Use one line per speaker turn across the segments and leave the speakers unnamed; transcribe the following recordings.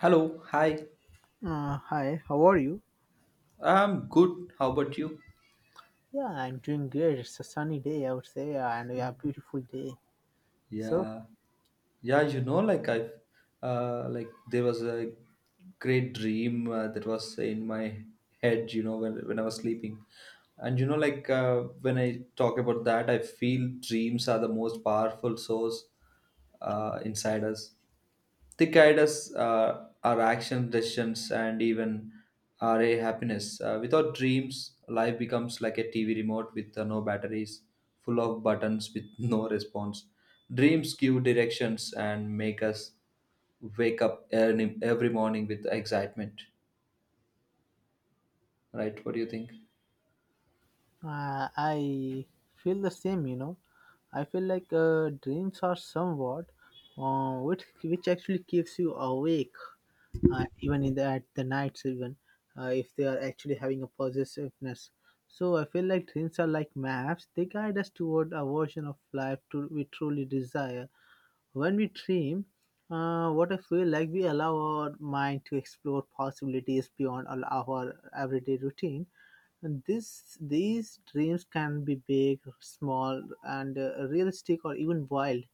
Hello, hi.
Hi, how are you?
I'm good. How about you?
Yeah, I'm doing great. It's a sunny day, I would say, and a beautiful day. So,
Yeah, yeah. Like there was a great dream that was in my head. You know, when I was sleeping, and when I talk about that, I feel dreams are the most powerful source inside us. They guide us, our action decisions, and even our happiness. Without dreams, life becomes like a TV remote with no batteries, full of buttons with no response. Dreams give directions and make us wake up early, every morning with excitement. Right? What do you think?
I feel the same, you know. I feel like dreams are somewhat, which actually keeps you awake, even in the at the nights, even if they are actually having a possessiveness. So I feel like dreams are like maps. They guide us toward a version of life to we truly desire. When we dream, what I feel like we allow our mind to explore possibilities beyond all our everyday routine. And these dreams can be big, small, and realistic, or even wild.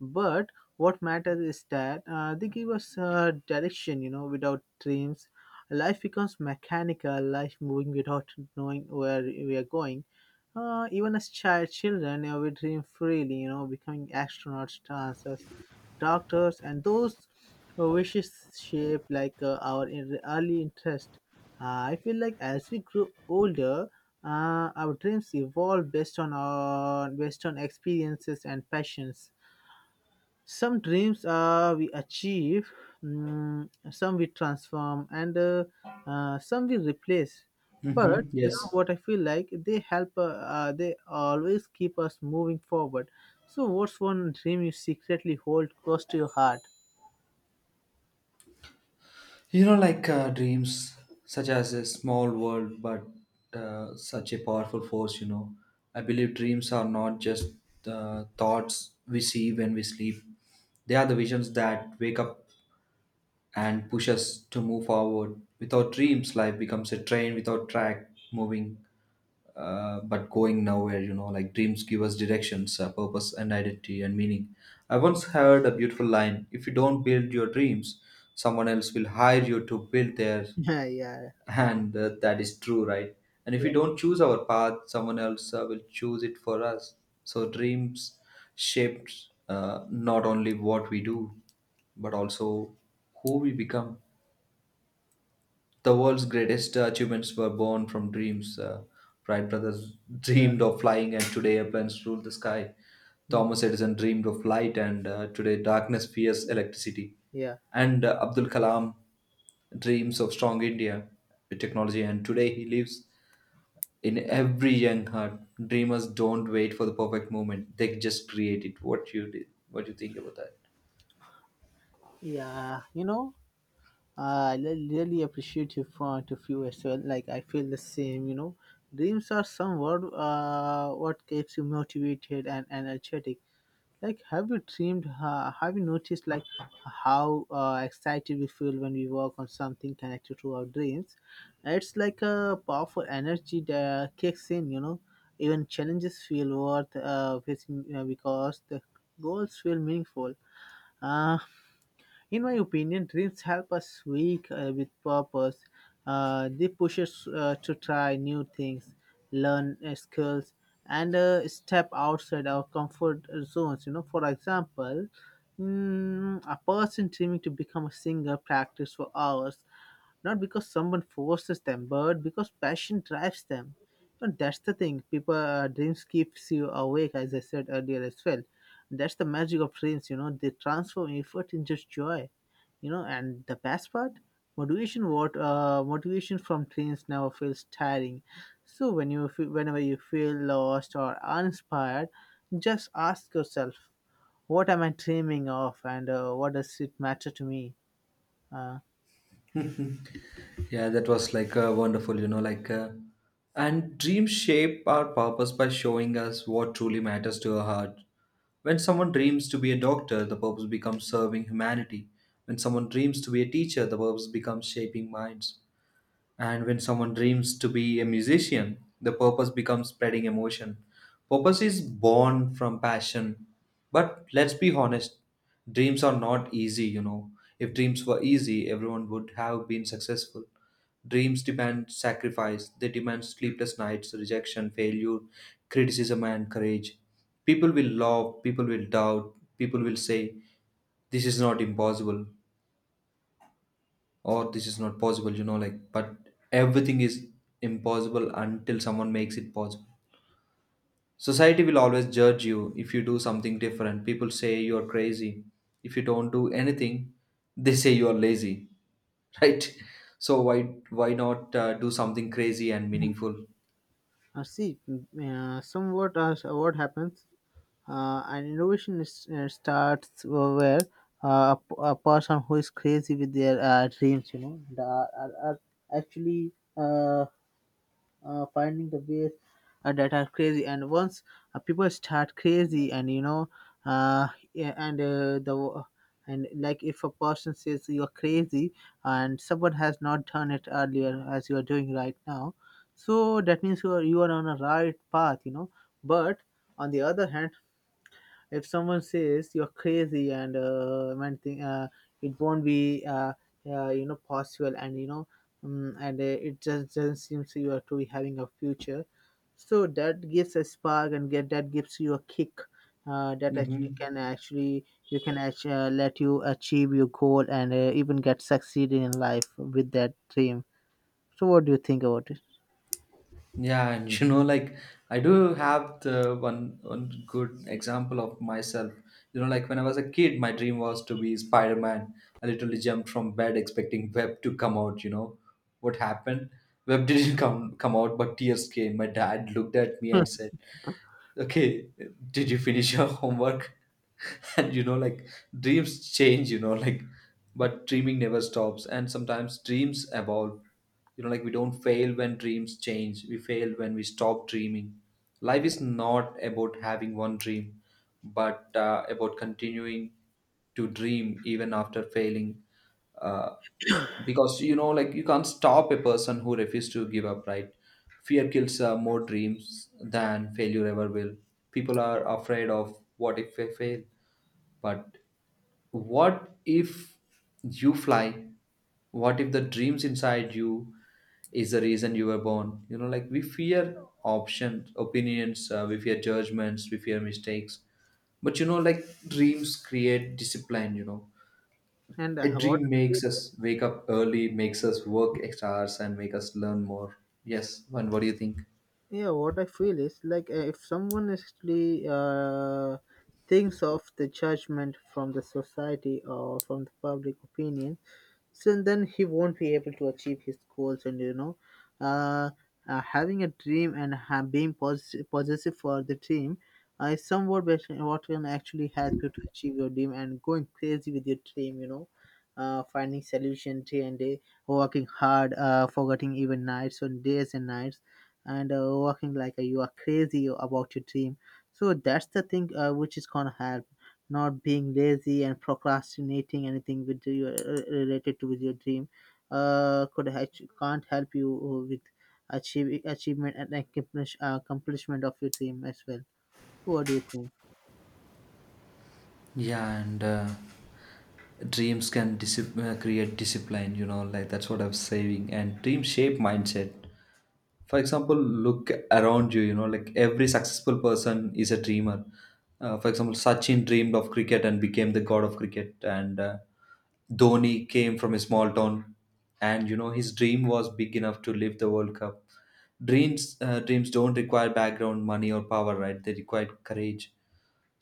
But what matters is that they give us direction, you know, without dreams. Life becomes mechanical, life moving without knowing where we are going. Even as children, we dream freely, you know, becoming astronauts, dancers, doctors, and those who wishes shape like our early interest. I feel like as we grow older, our dreams evolve based on experiences and passions. Some dreams we achieve, some we transform, and some we replace. But
Mm-hmm.
you know
Yes.
what I feel like, they help, they always keep us moving forward. So what's one dream you secretly hold close to your heart?
Dreams, such as a small world, but such a powerful force, you know. I believe dreams are not just thoughts we see when we sleep, they are the visions that wake up and push us to move forward. Without dreams, life becomes a train without track, moving but going nowhere, you know. Like dreams give us directions, purpose, and identity and meaning. I once heard a beautiful line: if you don't build your dreams, someone else will hire you to build theirs,
Yeah, yeah,
and that is true, right? And if we
yeah,
don't choose our path, someone else will choose it for us. So dreams shapes not only what we do, but also who we become. The world's greatest achievements were born from dreams. Wright brothers
yeah.
dreamed of flying, and today airplanes rule the sky.
Mhm.
Thomas Edison dreamed of light, and today darkness fears electricity.
Yeah,
And Abdul Kalam dreams of strong India with technology, and today he lives in every young heart. Dreamers don't wait for the perfect moment, they just create it. What you did, what you think about that?
yeah. I really appreciate your point of view as well, like I feel the same. Dreams are somewhat what keeps you motivated and energetic. Like, have you dreamed? Have you noticed, like how excited we feel when we work on something connected to our dreams? It's like a powerful energy that kicks in. Even challenges feel worth facing, because the goals feel meaningful. Uh, in my opinion, dreams help us wake with purpose. They push us to try new things, learn skills, and step outside our comfort zones. For example, a person dreaming to become a singer practice for hours, not because someone forces them, but because passion drives them. And that's the thing. People dreams keeps you awake, as I said earlier as well. That's the magic of dreams. They transform effort into joy. And the best part, motivation. What motivation from dreams never feels tiring. So whenever you feel lost or uninspired, just ask yourself, what am I dreaming of, and what does it matter to me? Uh,
Yeah, that was like wonderful, and dreams shape our purpose by showing us what truly matters to our heart. When someone dreams to be a doctor, the purpose becomes serving humanity. When someone dreams to be a teacher, the purpose becomes shaping minds. And when someone dreams to be a musician, the purpose becomes spreading emotion. Purpose is born from passion. But let's be honest, dreams are not easy, you know. If dreams were easy, everyone would have been successful. Dreams demand sacrifice, they demand sleepless nights, rejection, failure, criticism, and courage. People will love, people will doubt, people will say, "This is not impossible," or "this is not possible," you know, like, but everything is impossible until someone makes it possible. Society will always judge you. If you do something different, people say you are crazy. If you don't do anything, they say you are lazy. Right? So why not do something crazy and meaningful?
see, somewhat what happens, an innovation starts where a person who is crazy with their dreams, you know, and, are actually. Uh, finding the ways that are crazy. And once people start crazy, and yeah, and the and like if a person says you're crazy, and someone has not done it earlier as you are doing right now, so that means you are on a right path. But on the other hand, if someone says you're crazy, and man thing, it won't be possible, and and it just doesn't seem so you are to be having a future. So that gives a spark and get that gives you a kick, that
Hmm.
actually can actually, you can actually let you achieve your goal, and even get succeeding in life with that dream. So what do you think about it?
Yeah, and you know, like I do have the one good example of myself. You know, like when I was a kid, my dream was to be Spider Man. I literally jumped from bed expecting Web to come out. You know, what happened? Web didn't come out, but tears came. My dad looked at me and said, "Okay, did you finish your homework?" And you know, like, dreams change, you know, like, but dreaming never stops, and sometimes dreams evolve. You know, like, we don't fail when dreams change, we fail when we stop dreaming. Life is not about having one dream, but about continuing to dream even after failing, uh, because you know, like, you can't stop a person who refuses to give up, right? Fear kills more dreams than failure ever will. People are afraid of what if they fail, but what if you fly? What if the dreams inside you is the reason you were born? You know, like we fear options, opinions, we fear judgments, we fear mistakes. But you know, like dreams create discipline, you know.
And
A
what
dream
I feel
makes
is,
us wake up early, makes us work extra hours, and make us learn more. Yes, and what do you think?
yeah, what I feel is like if someone actually thinks of the judgment from the society or from the public opinion, so then he won't be able to achieve his goals. And you know, uh, having a dream, and being positive, possessive for the dream, is somewhat better, what can actually help you to achieve your dream and going crazy with your dream, you know. Finding solution day and day, working hard, forgetting even nights on days and nights, and working like you are crazy about your dream. So that's the thing, which is gonna help not being lazy and procrastinating anything with your, related to with your dream. Could can't help you with achievement and accomplishment of your dream as well. So what do you think?
Yeah, and dreams can create discipline, you know, like, that's what I'm saying. And dreams shape mindset. For example, look around you, you know, like, every successful person is a dreamer. For example, Sachin dreamed of cricket and became the god of cricket. And Dhoni came from a small town, and you know, his dream was big enough to live the world cup. Dreams, dreams don't require background, money or power, right? They require courage.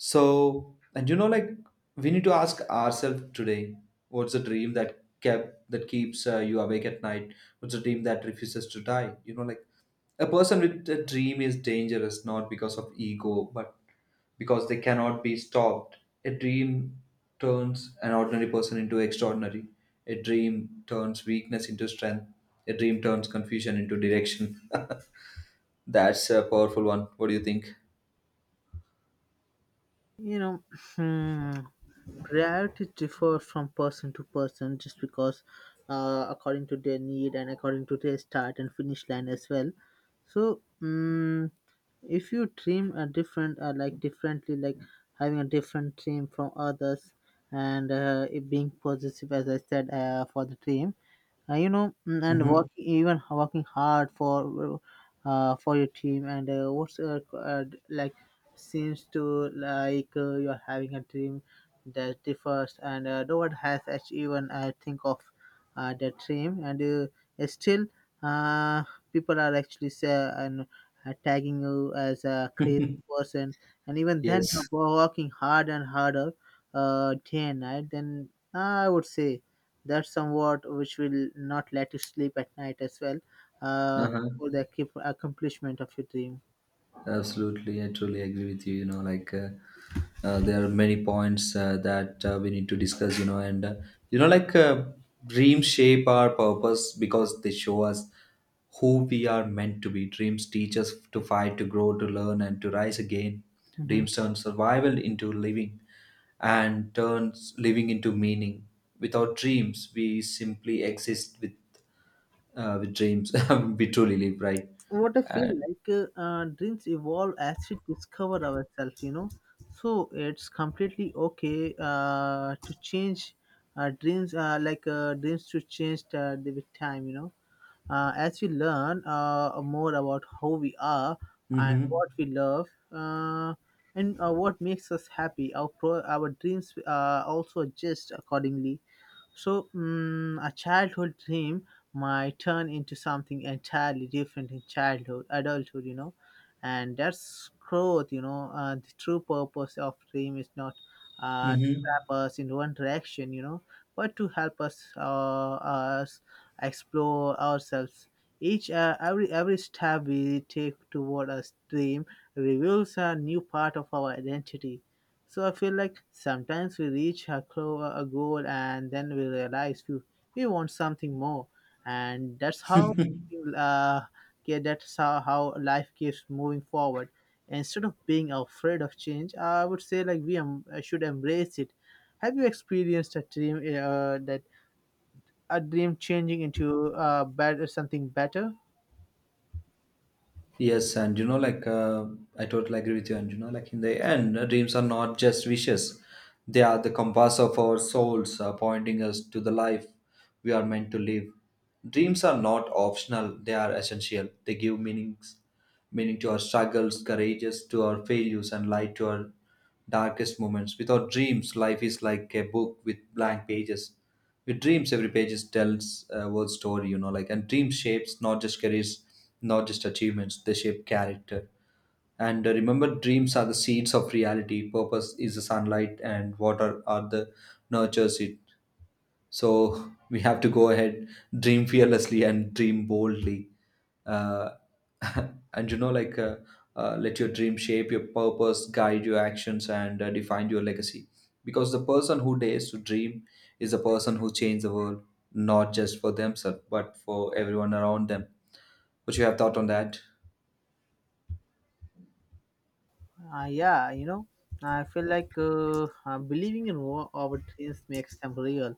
So, and you know, like, we need to ask ourselves today, what's the dream that keeps you awake at night? What's the dream that refuses to die? You know, like, a person with a dream is dangerous not because of ego, but because they cannot be stopped. A dream turns an ordinary person into extraordinary. A dream turns weakness into strength. A dream turns confusion into direction. That's a powerful one. What do you think?
You know, hmm, priorities differ from person to person just because, according to their need and according to their start and finish line as well. So. If you dream a different, like differently, like having a different dream from others, and it being positive, as I said, for the dream, you know, and
Mm-hmm.
work, even working hard for, for your team, and like seems to, like you're having a dream that differs, and no one has actually even think of that dream, and it's still, uh, people are actually say, and tagging you as a crazy person, and even then
Yes.
you're working hard and harder, day and night. Then I would say that's somewhat which will not let you sleep at night as well, uh,
Uh-huh.
for the accomplishment of your dream.
Absolutely, I truly agree with you. You know, like there are many points that we need to discuss. You know, and you know, like dreams shape our purpose because they show us who we are meant to be. Dreams teach us to fight, to grow, to learn, and to rise again.
Mhm.
Dreams turn survival into living, and turns living into meaning. Without dreams, we simply exist. With with dreams, we truly live, right?
What I feel
Uh,
like, dreams evolve as we discover ourselves, you know. So it's completely okay to change dreams, like dreams to change with time, you know. As we learn more about how we are, and
mm-hmm.
what we love, and what makes us happy, our, our dreams also adjust accordingly. So, a childhood dream might turn into something entirely different in childhood, adulthood, you know, and that's growth, you know. The true purpose of dream is not to
Mm-hmm.
trap us in one direction, you know, but to help us explore ourselves. Each every step we take toward a dream reveals a new part of our identity. So I feel like sometimes we reach a, a goal, and then we realize we want something more. And that's how uh, yeah, that's how, how life keeps moving forward. Instead of being afraid of change, I would say, like we should embrace it. Have you experienced a dream, that a dream changing into better something better?
Yes, and you know, like I totally agree with you. And you know, like, in the end, dreams are not just wishes; they are the compass of our souls, pointing us to the life we are meant to live. Dreams are not optional; they are essential. They give meaning to our struggles, courages, to our failures, and light to our darkest moments. Without dreams, life is like a book with blank pages. With dreams, every page is tells a world story, you know, like, and dream shapes not just careers, not just achievements, they shape character. And remember, dreams are the seeds of reality. Purpose is the sunlight, and water are the nurtures it. So we have to go ahead, dream fearlessly, and dream boldly, uh, and let your dream shape your purpose, guide your actions, and define your legacy, because the person who dares to dream is a person who changes the world, not just for themselves but for everyone around them. What you have thought on that?
Yeah, you know, I feel like believing in our dreams makes them real.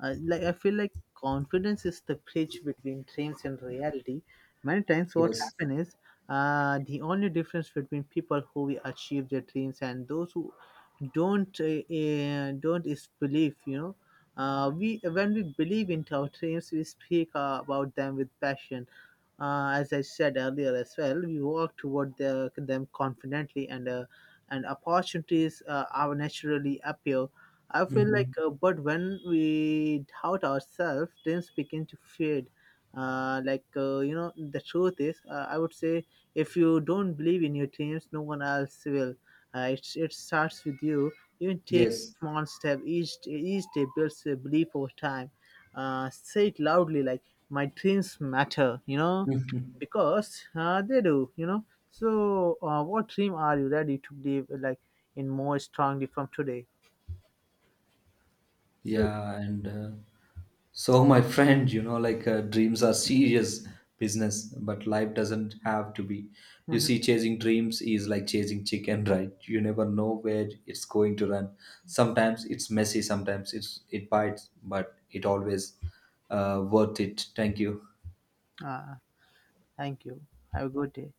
Like I feel like confidence is the bridge between dreams and reality. Many times, what
Yes.
happens is, the only difference between people who will achieve their dreams and those who don't, don't, is belief. You know, we when we believe in our dreams, we speak about them with passion, as I said earlier as well. We work toward them confidently, and and opportunities are naturally appear. I feel like,
Hmm.
but when we doubt ourselves, dreams begin to fade. Like, you know, the truth is, I would say, if you don't believe in your dreams, no one else will. It starts with you. Even take
Yes.
small step, each day builds a belief over time. Say it loudly, like, my dreams matter, you know, because they do, you know. So what dream are you ready to believe, like, in more strongly from today? So
Yeah, and so my friend, you know, like, dreams are serious business, but life doesn't have to be. You
mhm,
see, chasing dreams is like chasing chicken, right? You never know where it's going to run. Sometimes it's messy, sometimes it bites, but it always worth it. Thank you.
uh, thank you. Have a good day.